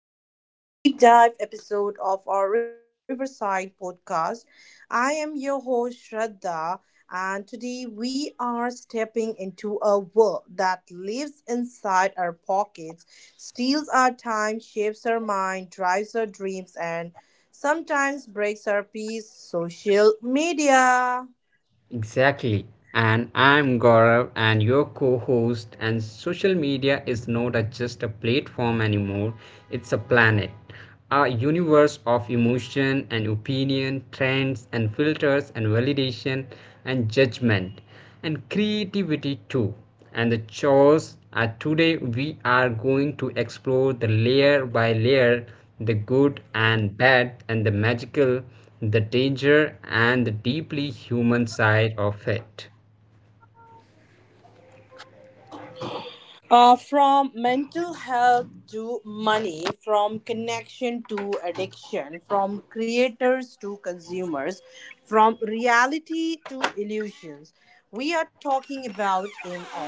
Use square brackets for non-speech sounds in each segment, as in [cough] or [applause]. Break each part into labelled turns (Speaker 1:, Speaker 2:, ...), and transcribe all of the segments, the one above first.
Speaker 1: back to another deep dive episode of our Riverside podcast. I am your host, Shraddha, and today we are stepping into a world that lives inside our pockets, steals our time, shapes our mind, drives our dreams, and sometimes breaks our peace social media.
Speaker 2: Exactly. And I'm Gaurav, and your co host. And social media is not just a platform anymore, it's a planet, a universe of emotion and opinion, trends and filters and validation and judgment and creativity too and the chores are today we are going to explore the layer by layer, the good and bad and the magical, the danger and the deeply human side of it.
Speaker 1: From mental health to money, from connection to addiction, from creators to consumers, from reality to illusions. We are talking about in all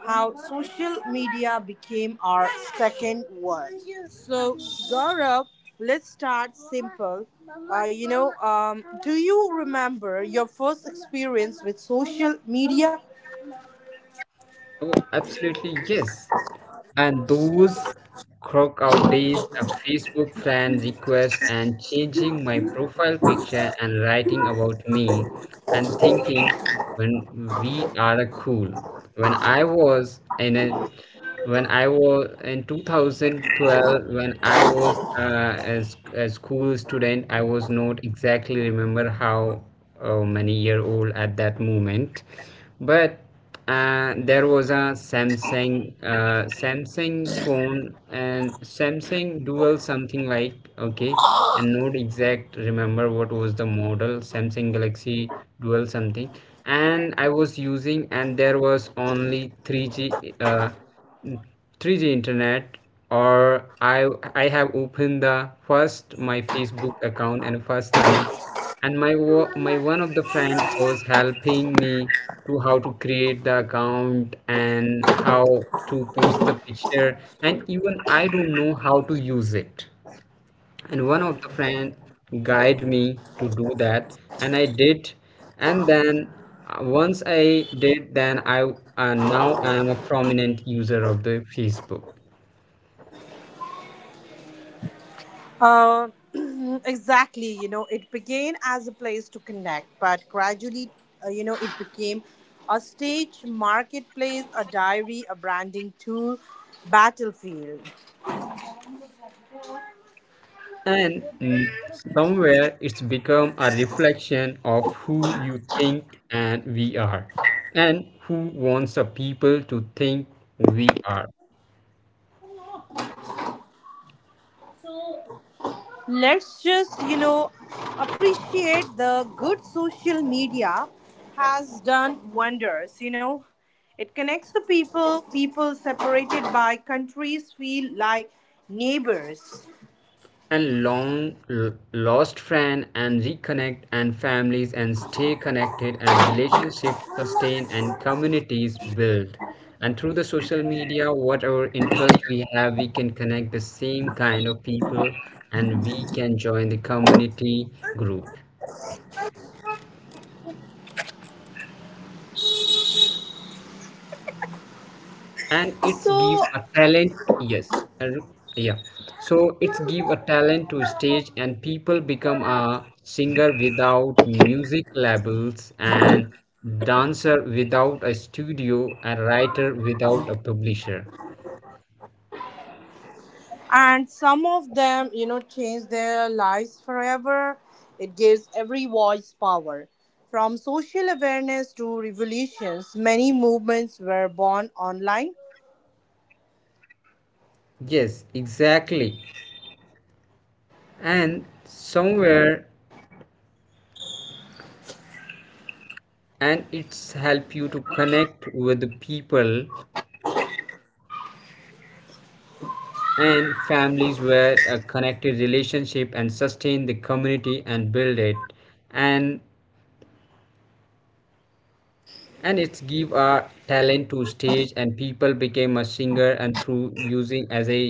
Speaker 1: how social media became our second world. So, Gaurav, let's start simple. Do you remember your first experience with social media?
Speaker 2: Oh, absolutely, yes. And those crock out days of Facebook friend requests and changing my profile picture and writing about me and thinking when we are cool. When I was in a when I was in 2012, when I was as a school student, I was not exactly remember how many year old at that moment, but there was a Samsung Samsung phone and Samsung Dual something like okay, and not exact remember what was the model Samsung Galaxy Dual something, and I was using and there was only 3G 3G internet or I have opened the first my Facebook account and first time, and my one of the friend was helping me to how to create the account and how to post the picture, and even I don't know how to use it, and one of the friend guide me to do that, and I did. And then once I did, then I now I am a prominent user of the Facebook.
Speaker 1: Uh, [clears throat] exactly. You know, it began as a place to connect, but gradually, it became a stage, marketplace, a diary, a branding tool, battlefield.
Speaker 2: And mm, somewhere it's become a reflection of who you think and we are, and who wants the people to think we are.
Speaker 1: Let's just, you know, appreciate the good. Social media has done wonders, you know. It connects the people, people separated by countries feel like neighbors.
Speaker 2: And lost friend and reconnect and families and stay connected and relationships sustain and communities build. And through the social media, whatever interest we have, we can connect the same kind of people and we can join the community group. And it's give
Speaker 1: So
Speaker 2: a talent, yes. uh, yeah, so it's give a talent to stage and people become a singer without music labels and dancer without a studio, a writer without a publisher.
Speaker 1: and some of them, you know, change their lives forever. It gives every voice power, from social awareness to revolutions. Many movements were born online.
Speaker 2: Yes, exactly. And somewhere, and it's help you to connect with the people and families where a connected relationship and sustain the community and build it. and and it's give a talent to stage and people became a singer and through using as I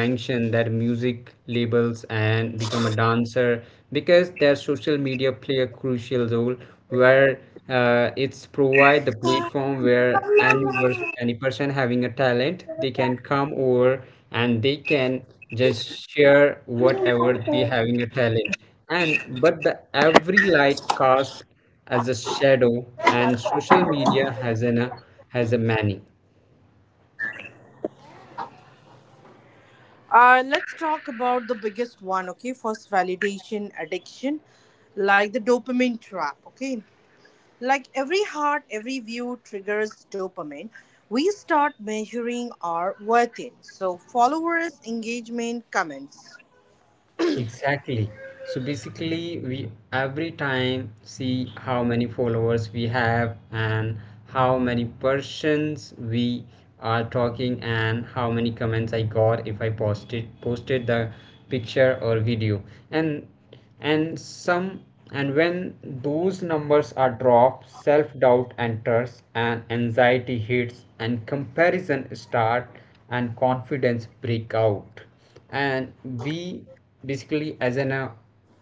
Speaker 2: mentioned their music labels and become a dancer because their social media play a crucial role where it's provide the platform where any person having a talent they can come over and they can just share whatever they having a talent. And but the every light cast as a shadow, and social media has an has a many.
Speaker 1: Let's talk about the biggest one. Okay, first, validation addiction, like the dopamine trap. Okay, like every heart, every view triggers dopamine. We start measuring our worth in so followers, engagement, comments.
Speaker 2: Exactly. So basically we every time see how many followers we have and how many persons we are talking and how many comments I got if I posted the picture or video. And and some and when those numbers are dropped, self-doubt enters and anxiety hits and comparison start and confidence break out. And we basically as an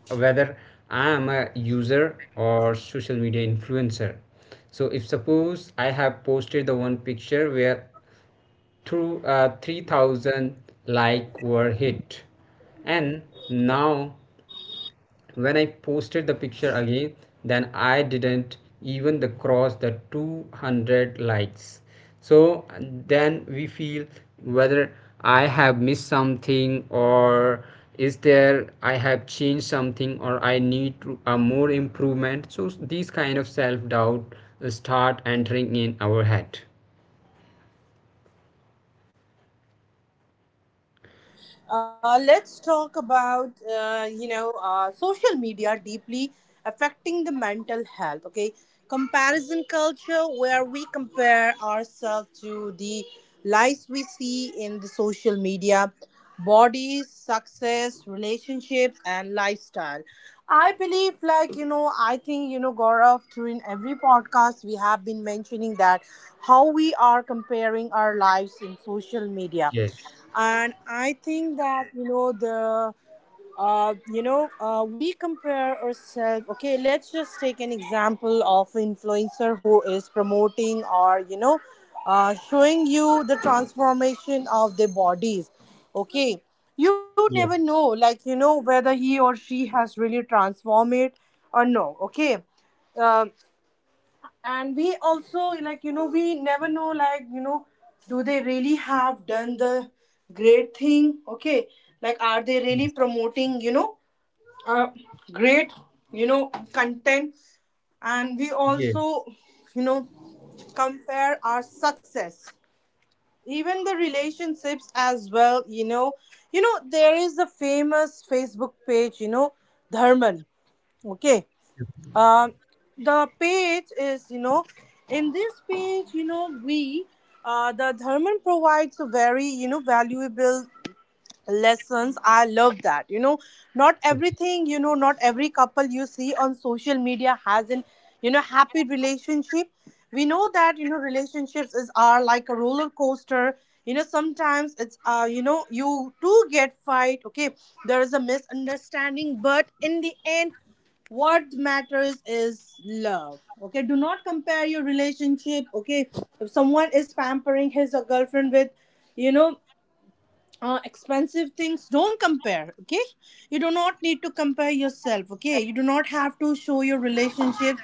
Speaker 2: whether I am a user or social media influencer, so if suppose I have posted the one picture where through 3000 like were hit, and now when I posted the picture again then I didn't even the cross the 200 likes. So then we feel whether I have missed something or is there I have changed something or I need to, a more improvement. So these kind of self doubt start entering in our head.
Speaker 1: Let's talk about social media deeply affecting the mental health. Okay, comparison culture, where we compare ourselves to the lives we see in the social media, bodies, success, relationships, and lifestyle. I believe, like, you know, I think, you know, Gaurav, through in every podcast we have been mentioning that how we are comparing our lives in social media.
Speaker 2: Yes,
Speaker 1: And I think that, you know, the we compare ourselves. Okay, let's just take an example of influencer who is promoting, or you know, showing you the transformation of their bodies. Okay, you never
Speaker 2: yes.
Speaker 1: know, like you know, whether he or she has really transformed it or no. Okay uh and we also, like you know, we never know, like you know, do they really have done the great thing? Okay, like, are they really promoting, you know, uh, great, you know, content. And we also,
Speaker 2: Yes,
Speaker 1: you know, compare our success, even the relationships as well, you know. You know, there is a famous Facebook page, you know, Dharman, okay. Um, the page is, you know, in this page, you know, we the Dharma provides a very, you know, valuable lessons. I love that, you know. Not everything, you know, not every couple you see on social media has an, you know, happy relationship. We know that, you know, relationships is are like a roller coaster, you know. Sometimes it's, uh, you know, you do get fight. Okay, there is a misunderstanding, but in the end, what matters is love. Okay, do not compare your relationship. Okay, if someone is pampering his or girlfriend with, you know, expensive things, don't compare. Okay, you do not need to compare yourself. Okay, you do not have to show your relationship,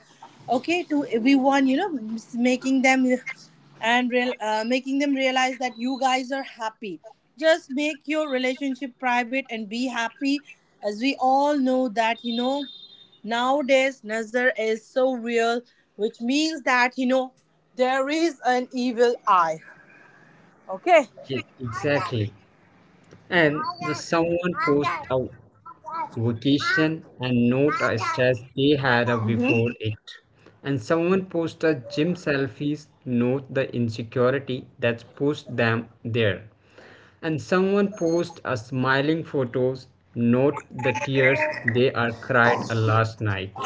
Speaker 1: okay, to everyone, you know, making them and real making them realize that you guys are happy. Just make your relationship private and be happy. As we all know that, you know, nowadays nazar is so real, which means that, you know, there is an evil eye, okay.
Speaker 2: yes, exactly. And the someone post a vacation and not a stress they had a before
Speaker 1: Mm-hmm.
Speaker 2: it. And someone post a gym selfies, note the insecurity that's pushed them there. And someone post a smiling photos, note the tears they are cried a last night.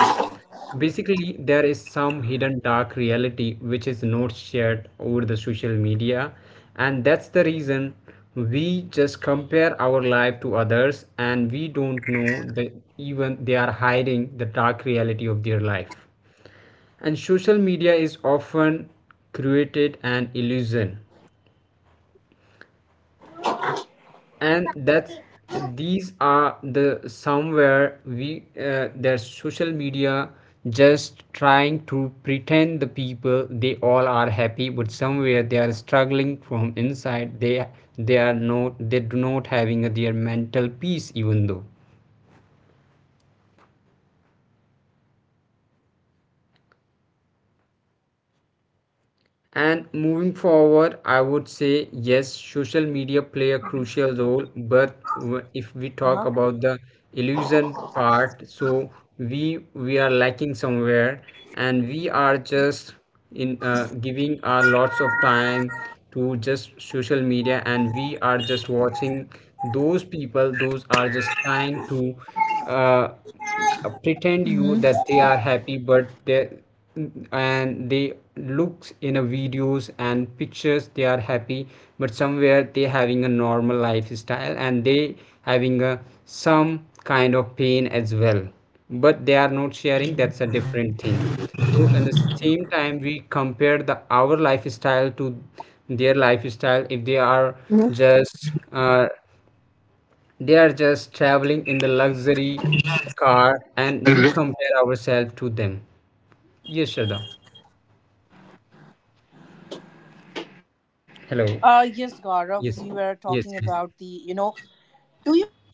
Speaker 2: So basically, there is some hidden dark reality which is not shared over the social media, and that's the reason we just compare our life to others and we don't know that even they are hiding the dark reality of their life. And social media is often created an illusion, and that's these are
Speaker 1: Mm-hmm.
Speaker 2: the somewhere we their social media just trying to pretend the people they all are happy but somewhere they are struggling from inside, they are not, they do not having their mental peace even though. And moving forward, I would
Speaker 1: So,
Speaker 2: say
Speaker 1: Gaurav.
Speaker 2: yes, social media play a crucial role. But if we
Speaker 1: Uh-huh.
Speaker 2: talk about the illusion part, so we are lacking somewhere, and we are just in giving our lots of time to just social media, and we are just watching those people. Those are just trying to uh, pretend you that they are happy but they and they looks in a videos and pictures they are happy but somewhere they having a normal lifestyle and they having a some kind of pain as well but they are not sharing, that's a different thing. So in the same time we compare the our lifestyle to their lifestyle if they are just they are just traveling in the luxury car and we compare
Speaker 1: Mm-hmm.
Speaker 2: ourselves to them. Yes, Shraddha. Hello.
Speaker 1: Yes, Gaurav,
Speaker 2: Yes.
Speaker 1: we were
Speaker 2: Yes, yes.
Speaker 1: talking about the, you know,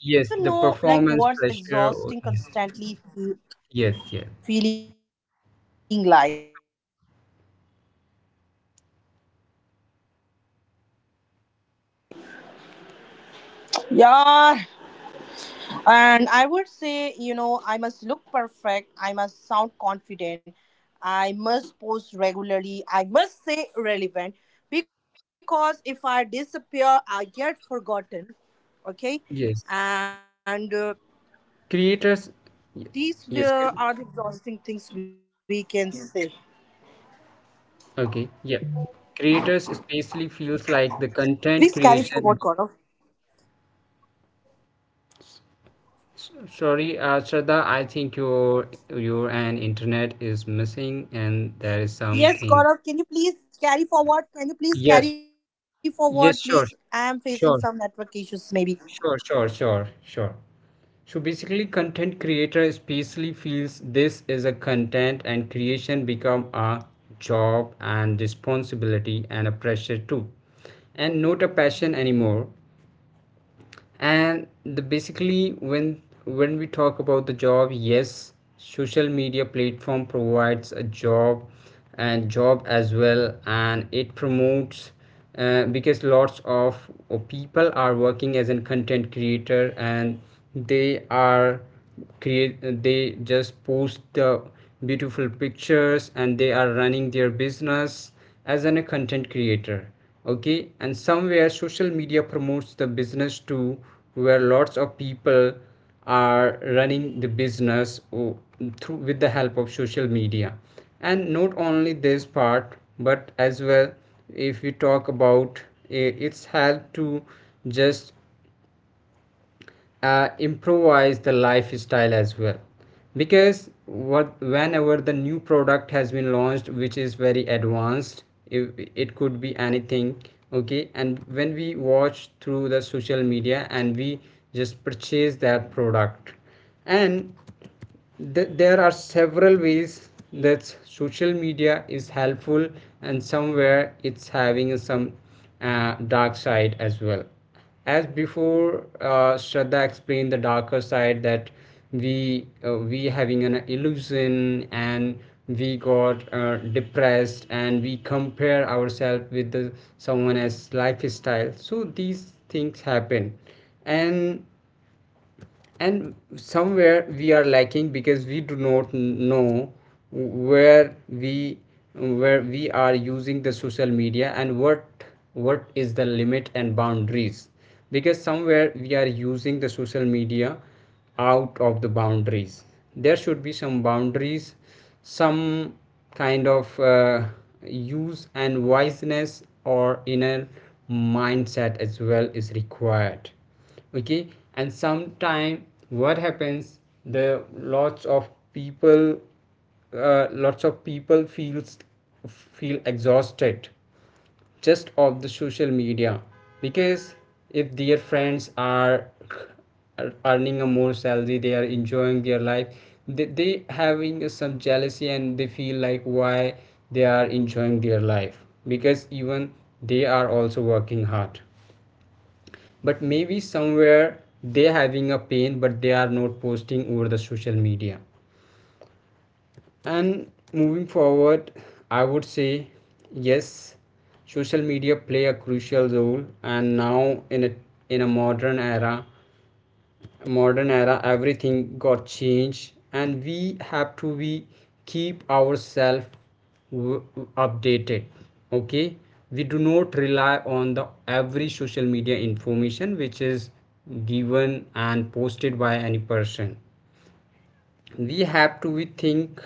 Speaker 2: Yes,
Speaker 1: do
Speaker 2: the
Speaker 1: you know
Speaker 2: performance
Speaker 1: like what's
Speaker 2: pressure. Yes,
Speaker 1: exhausting, constantly
Speaker 2: yes, yes.
Speaker 1: feeling like?
Speaker 3: And I would say, you know, I must look perfect. I must sound confident. I must post regularly. I must stay relevant because if I disappear, I get forgotten. Okay. And
Speaker 2: Yes.
Speaker 3: these are the
Speaker 2: Creators,
Speaker 3: exhausting things we
Speaker 2: yes.
Speaker 3: can say.
Speaker 2: Okay, yeah.
Speaker 3: Please carry
Speaker 2: Creators
Speaker 3: forward,
Speaker 2: especially
Speaker 3: Gaurav.
Speaker 2: feels like the content creation. Sorry, Shraddha, I think your and
Speaker 3: Yes,
Speaker 2: internet
Speaker 3: Gaurav,
Speaker 2: is
Speaker 3: can you please
Speaker 2: missing and
Speaker 3: carry
Speaker 2: there is
Speaker 3: forward? Can you
Speaker 2: something.
Speaker 3: please carry forward, please? I am facing
Speaker 2: Yes,
Speaker 3: some network issues,
Speaker 2: yes,
Speaker 3: maybe.
Speaker 2: sure, sure. Sure, sure, sure, sure. So basically, content creator especially feels this is a content and creation become a job and responsibility and a pressure too, and not a passion anymore. And the basically when we talk about the job, yes, social media platform provides a job and job as well, and it promotes because lots of people are working as a content creator and they are create they just post the beautiful pictures and they are running their business as a content creator. Okay, and somewhere social media promotes the business too where lots of people are running the business through with the help of social media. And not only this part but as well, if we talk about, its help to just improvise the lifestyle as well because what whenever the new product has been launched which is very advanced, it could be anything. Okay, and when we watch through the social media and we just purchase that product. And there are several ways that social media is helpful, and somewhere it's having some dark side as well. As before Shraddha explained the darker side, that we having an illusion and we got depressed and we compare ourselves with the someone else's lifestyle, so these things happen. and and somewhere we are lacking because we do not know where we where we are using the social media and what is the limit and boundaries because somewhere we are using the social media out of the boundaries. There should be some boundaries, some kind of use and wiseness or inner mindset as well is required. Okay, and sometime what happens, the lots of people lots of people feel exhausted just of the social media because if their friends are earning a more salary they are enjoying their life, they having some jealousy and they feel like why they are enjoying their life because even they are also working hard but maybe somewhere they having a pain but they are not posting over the social media. And moving forward, I would say yes, social media play a crucial role, and now in a modern era everything got changed and we have to be keep ourselves updated. Okay, we do not rely on the every social media information which is given and posted by any person. We have to we think,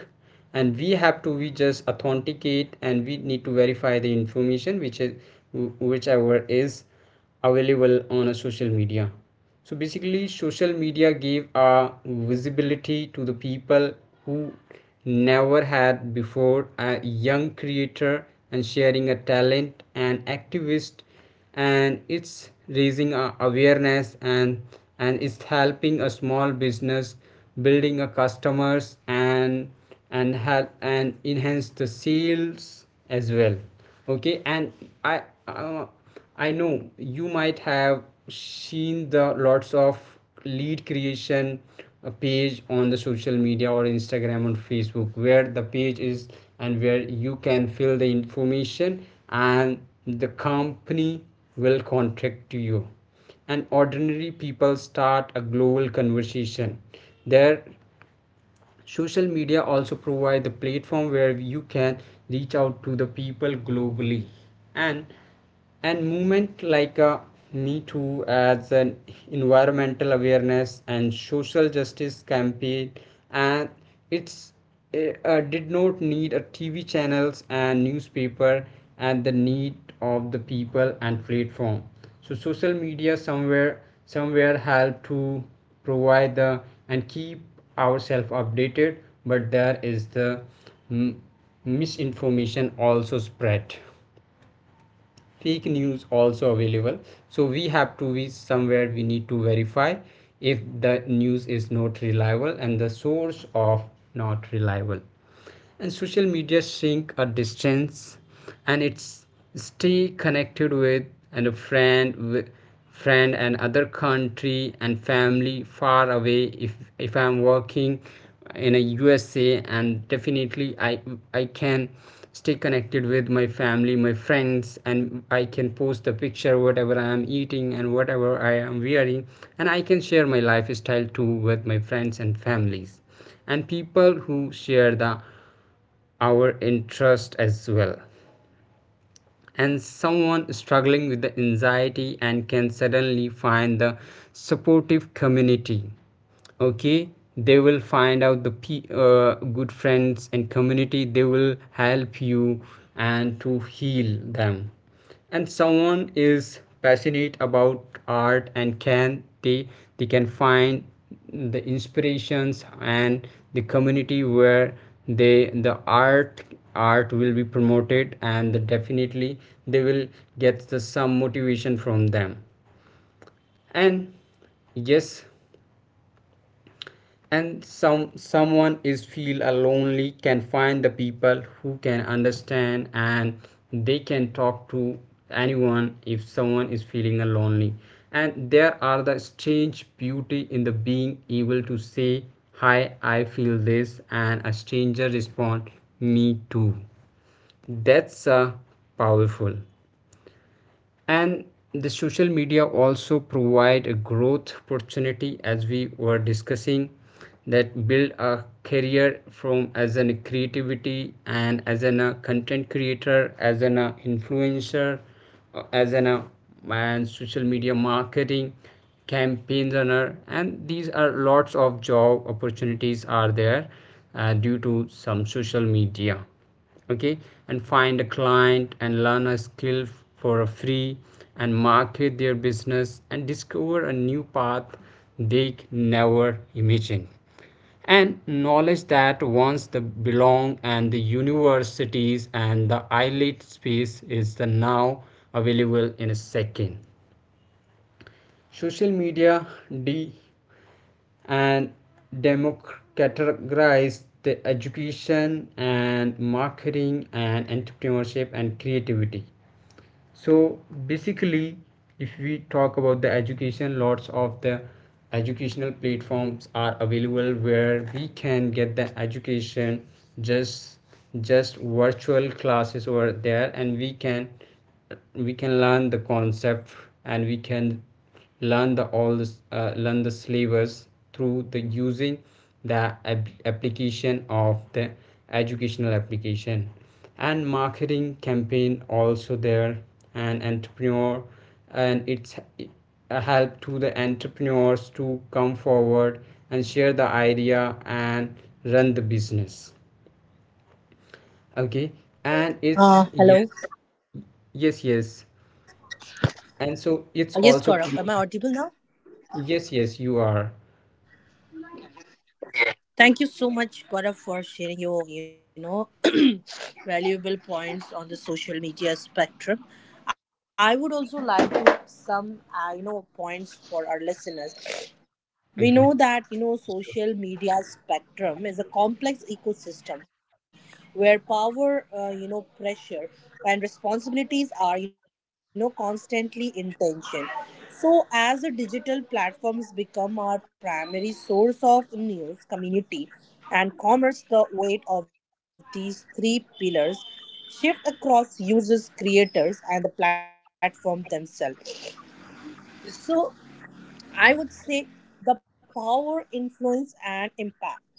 Speaker 2: and we have to we just authenticate and we need to verify the information which is whichever is available on a social media. So basically social media gave a visibility to the people who never had before, a young creator and sharing a talent and activist, and it's raising awareness and it's helping a small business, building a customers and help and enhance the sales as well. Okay, and I uh, I know you might have seen the lots of lead creation, a page on the social media or Instagram or Facebook where the page is and where you can fill the information and the company will contact you. And ordinary people start a global conversation there. Social media also provide the platform where you can reach out to the people globally. and and movement like a me too as an environmental awareness and social justice campaign, and it's did not need a TV channels and newspaper and the need of the people and platform. So social media somewhere help to provide the and keep ourselves updated, but there is the mm, misinformation also spread, fake news also available, so we have to be somewhere, we need to verify if the news is not reliable and the source of not reliable. And social media shrink a distance, and it's stay connected with and a friend with friend and other country and family far away. If I'm working in a USA, and definitely I can stay connected with my family, my friends, and I can post a picture whatever I am eating and whatever I am wearing, and I can share my lifestyle too with my friends and families and people who share the our interest as well. And someone struggling with the anxiety and can suddenly find the supportive community. Okay, they will find out the good friends and community, they will help you and to heal them. And someone is passionate about art, and can they can find the inspirations and the community where they the art, art will be promoted, and the definitely they will get the some motivation from them. And yes, and someone is feel a lonely, can find the people who can understand, and they can talk to anyone if someone is feeling a lonely. And there are the strange beauty in the being able to say, hi, I feel this, and a stranger respond, me too. That's a powerful. And the social media also provide a growth opportunity, as we were discussing, that build a career from as an creativity and as an a content creator, as an influencer, as an a, and social media marketing campaign runner, and these are lots of job opportunities are there due to some social media. Okay, and find a client and learn a skill for a free, and market their business, and discover a new path they never imagined. And knowledge that once the belong and the universities and the elite space is the now available in a second. Social media de, and democratize the education and marketing and entrepreneurship and creativity. So basically, if we talk about the education, lots of the educational platforms are available where we can get the education. just just virtual classes over there, and we can learn the concept, and we can learn the all this learn the syllabus through the using the application of the educational application. And marketing campaign also there, and entrepreneur, and it's a help to the entrepreneurs to come forward and share the idea and run the business. Okay, and it's
Speaker 3: Hello.
Speaker 2: yes. Yes, yes,
Speaker 3: Yes, Gaurav, am I
Speaker 2: and so
Speaker 3: audible
Speaker 2: it's
Speaker 3: now?
Speaker 2: also promoted. Yes, yes, you are.
Speaker 3: Thank you so much, Gaurav, for sharing your, you know, [clears throat] valuable points on the social media spectrum. I would also like to some you know points for our listeners. We
Speaker 2: Okay,
Speaker 3: know that, you know,
Speaker 2: sure.
Speaker 3: social media spectrum is a complex ecosystem where power, you know, pressure and responsibilities are, you know, constantly in tension. So as the digital platforms become our primary source of news, community, and commerce, the weight of these three pillars shift across users, creators, and the platform themselves. So I would say the power, influence, and impact.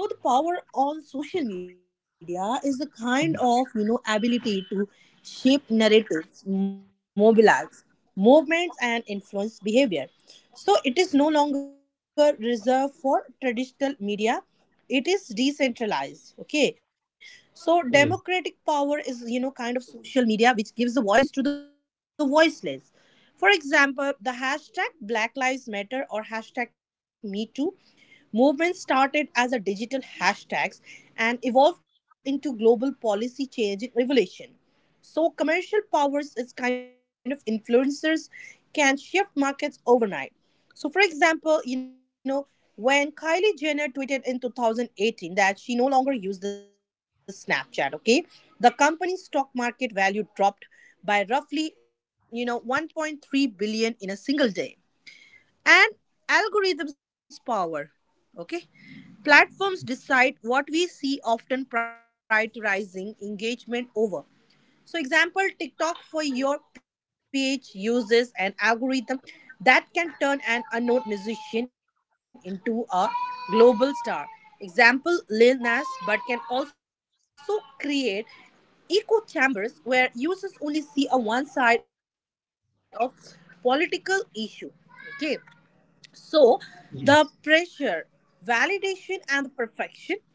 Speaker 3: So the power on social media is the kind of, you know, ability to shape narratives, mobilize movements, and influence behavior. So it is no longer reserved for traditional media. It is decentralized, okay? So
Speaker 2: Yes,
Speaker 3: democratic power is, you know, kind of social media which gives a voice to the voiceless. For example, the hashtag black lives matter or hashtag me too movement started as a digital hashtags and evolved into global policy change revolution. So commercial powers is kind of influencers can shift markets overnight. So for example, you know, when Kylie Jenner tweeted in 2018 that she no longer used the Snapchat, okay? The company's stock market value dropped by roughly, you know, 1.3 billion in a single day. And algorithms power, okay, platforms decide what we see, often prioritizing engagement over. So example, TikTok for your page uses an algorithm that can turn an unknown musician into a global star, example Lil Nas, but can also create echo chambers where users only see a one side of political issue. Okay, so the
Speaker 2: yes,
Speaker 3: pressure, validation, and the perfection.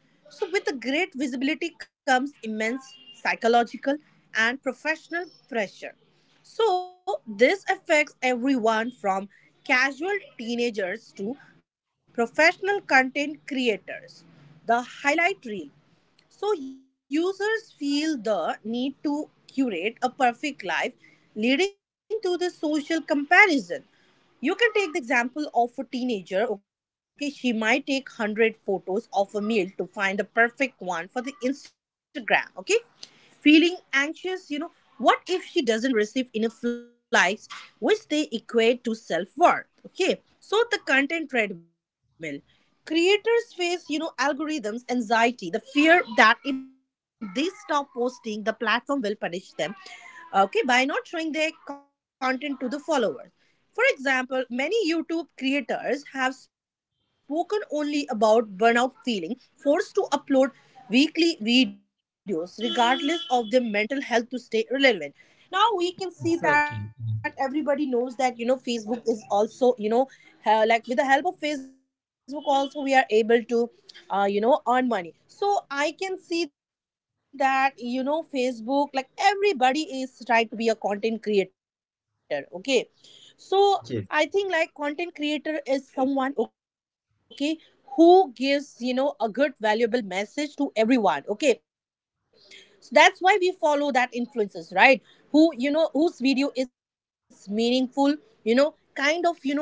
Speaker 3: So with the great visibility comes immense psychological and professional pressure. So this affects everyone from casual teenagers to professional content creators, the highlight reel. So users feel the need to curate a perfect life, leading to the social comparison. You can take the example of a teenager, okay? She might take 100 photos of a meal to find the perfect one for the Instagram, okay? Feeling anxious, you know, what if she doesn't receive enough likes, which they equate to self worth, okay? So the content treadmill. Creators face, you know, algorithms anxiety, the fear that if they stop posting, the platform will punish them. Okay, by not showing their content to the followers. For example, many YouTube creators have spoken only about burnout feeling, forced to upload weekly videos regardless of their mental health to stay relevant. Now we can see that
Speaker 2: exactly,
Speaker 3: everybody knows that, you know, Facebook is also, you know, like, with the help of Facebook also, we are able to you know, earn money. So I can see that, you know, Facebook, like, everybody is trying to be a content creator, okay? So I
Speaker 2: yes,
Speaker 3: think like content creator is someone, okay, who gives, you know, a good valuable message to everyone, okay? So that's why we follow that influencers, right, who, you know, whose video is meaningful, you know, kind of, you know,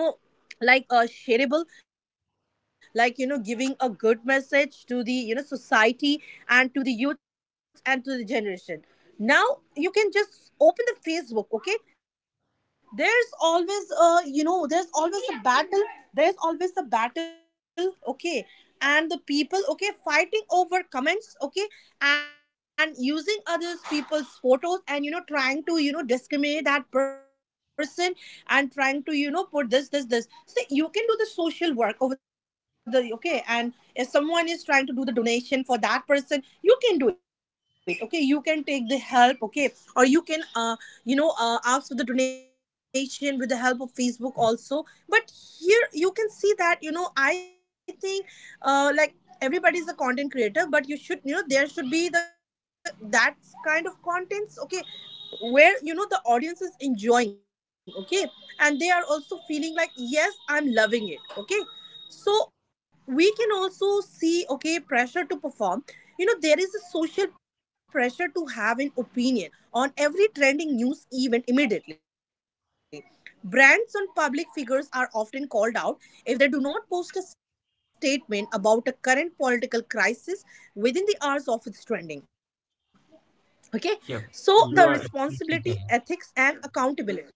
Speaker 3: like, shareable, like, you know, giving a good message to the, you know, society and to the youth and to the generation. Now you can just open the Facebook, okay? There's always there's always a battle. There's always the battle, okay, and the people, okay, fighting over comments, okay, and using others people's photos and, you know, trying to, you know, discriminate that person and trying to, you know, put this so you can do the social work over the, okay, and if someone is trying to do the donation for that person, you can do it, okay, you can take the help, okay, or you can you know ask for the donation with the help of Facebook also. But here you can see that, you know, I think, like, everybody is a content creator, but you should, you know, there should be the that kind of contents, okay, where, you know, the audience is enjoying, okay, and they are also feeling like, yes, I'm loving it, okay? So we can also see, okay, pressure to perform. You know, there is a social pressure to have an opinion on every trending news event immediately. Brands on public figures are often called out if they do not post a statement about a current political crisis within the hours of its trending. Okay, so
Speaker 2: yep,
Speaker 3: the
Speaker 2: you are
Speaker 3: responsibility,
Speaker 2: absolutely correct.
Speaker 3: ethics, and accountability,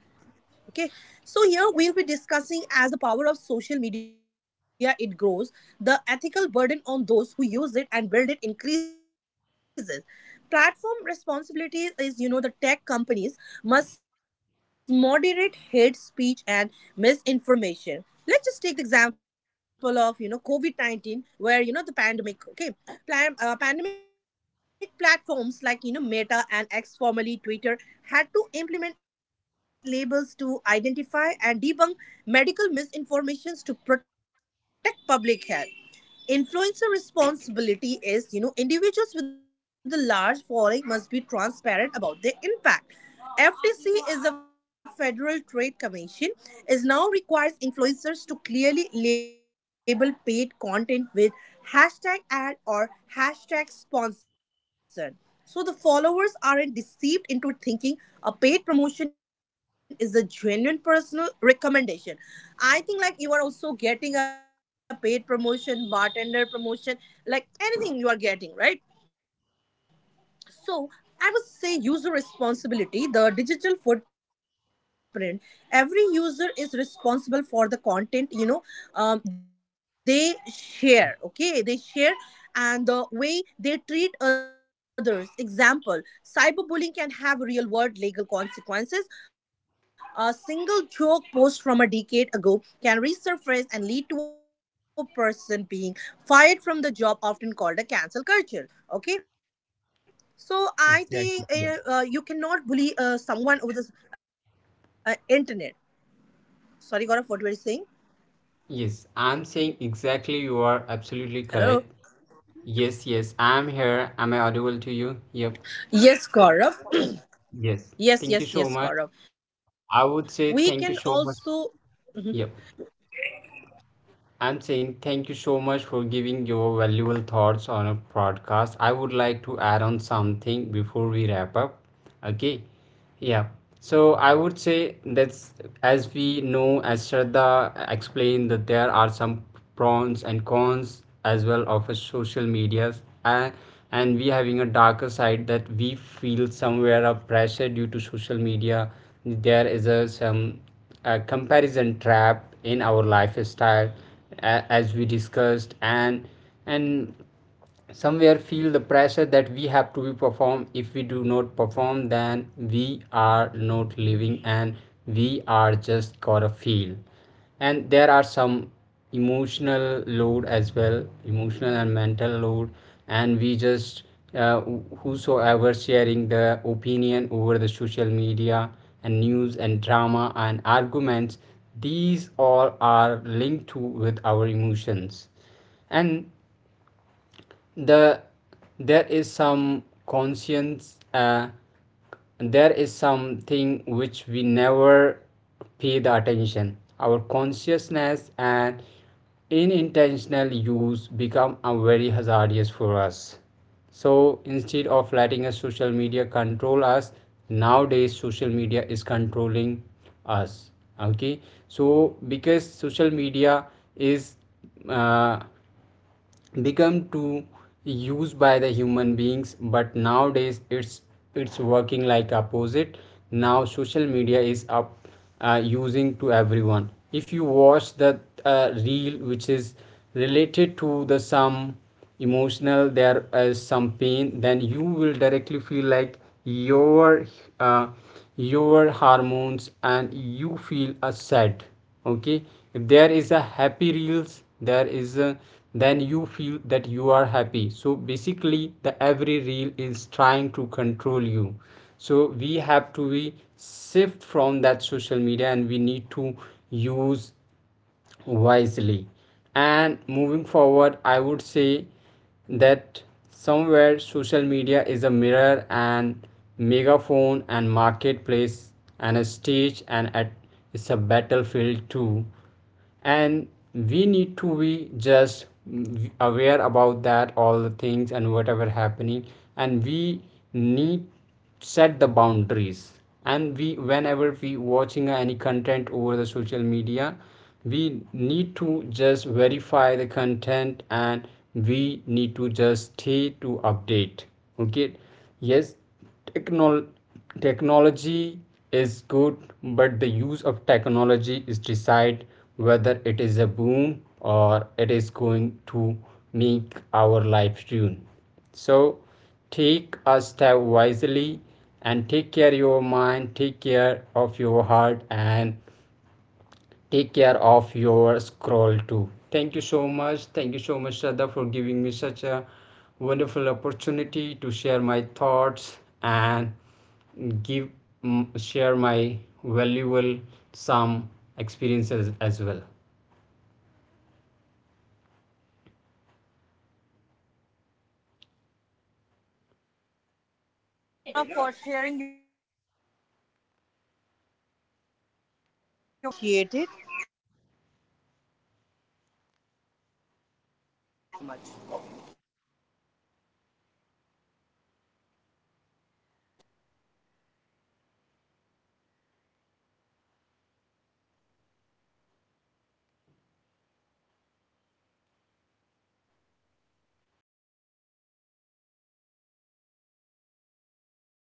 Speaker 3: okay? So here we'll be discussing as the power of social media it grows, the ethical burden on those who use it and build it increases. Platform responsibilities is, you know, the tech companies must moderate hate speech and misinformation. Let's just take the example of, you know, COVID-19, where, you know, the pandemic, okay, pandemic platforms like, you know, Meta and X, formerly Twitter, had to implement labels to identify and debunk medical misinformations to protect public health. Influencer responsibility is, you know, individuals with a large following must be transparent about their impact. FTC is a Federal Trade Commission, is now requires influencers to clearly label paid content with hashtag ad or hashtag sponsored. So the followers aren't deceived into thinking a paid promotion is a genuine personal recommendation. I think like you are also getting a paid promotion, bartender promotion, like anything you are getting, right? So I would say user responsibility, the digital footprint. Every user is responsible for the content, you know, they share, okay? They share and the way they treat others. Example, cyberbullying can have real world legal consequences. A single joke post from a decade ago can resurface and lead to a person being fired from the job, often called a cancel culture. Okay, so I think you
Speaker 2: Exactly, yeah.
Speaker 3: cannot bully someone over the internet. Sorry, Gaurav, what were you saying?
Speaker 2: Yes, I'm saying exactly. You are
Speaker 3: Hello.
Speaker 2: absolutely correct. Yes, yes, I'm here. Am I audible to
Speaker 3: Yes,
Speaker 2: you? Yep.
Speaker 3: Gaurav. Yes,
Speaker 2: Yes.
Speaker 3: yes, yes,
Speaker 2: Thank you so
Speaker 3: Gaurav.
Speaker 2: much.
Speaker 3: We can
Speaker 2: I would say
Speaker 3: also
Speaker 2: thank you so much. Yep. I'm saying thank you so much for giving your valuable thoughts on a podcast. I would like to add on something before we wrap up. Okay. Yeah. So I would say that's, as we know, as Shraddha explained, that there are some pros and cons as well of a social medias, and we having a darker side, that we feel somewhere of pressure due to social media. There is a some a comparison trap in our lifestyle, as we discussed, and somewhere feel the pressure that we have to be perform. If we do not perform, then we are not living, and we are just gotta feel. And there are some emotional load as well, emotional and mental load, and we just uh, whosoever sharing the opinion over the social media and news and drama and arguments, these all are linked to with our emotions. And the there is some conscience, there is something which we never pay the attention, our consciousness, and unintentional use become a very hazardous for us. So instead of letting a social media control us, nowadays social media is controlling us. Okay, so because social media is uh, become to use by the human beings, but nowadays it's working like opposite. Now social media is up, using to everyone. If you watch the reel which is related to the some emotional, there is some pain, then you will directly feel like your uh, your hormones, and you feel a sad. Okay, if there is a happy reels, there is a, then you feel that you are happy. So basically, the every reel is trying to control you. So we have to be shift from that social media, and we need to use wisely. And moving forward, I would say that somewhere social media is a mirror and megaphone and marketplace and a stage and at, it's a battlefield too. And we need to be just aware about that all the things and whatever happening. And we need set the boundaries, and we whenever we watching any content over the social media, we need to just verify the content, and we need to just stay to update. Okay, yes. technol- Technology is good, but the use of technology is decide whether it is a boom or it is going to make our life ruin. So take a step wisely, and take care of your mind, take care of your heart, and take care of your scroll too. Thank you so much. Thank you so much, Shraddha, for giving me such a wonderful opportunity to share my thoughts and give, share my valuable some experiences as well.
Speaker 3: thank you so much, Gaurav, for sharing your valuable thoughts on this topic. I really appreciate it. Thank you so much for, you know, sharing the valuable thoughts. Thank you so much.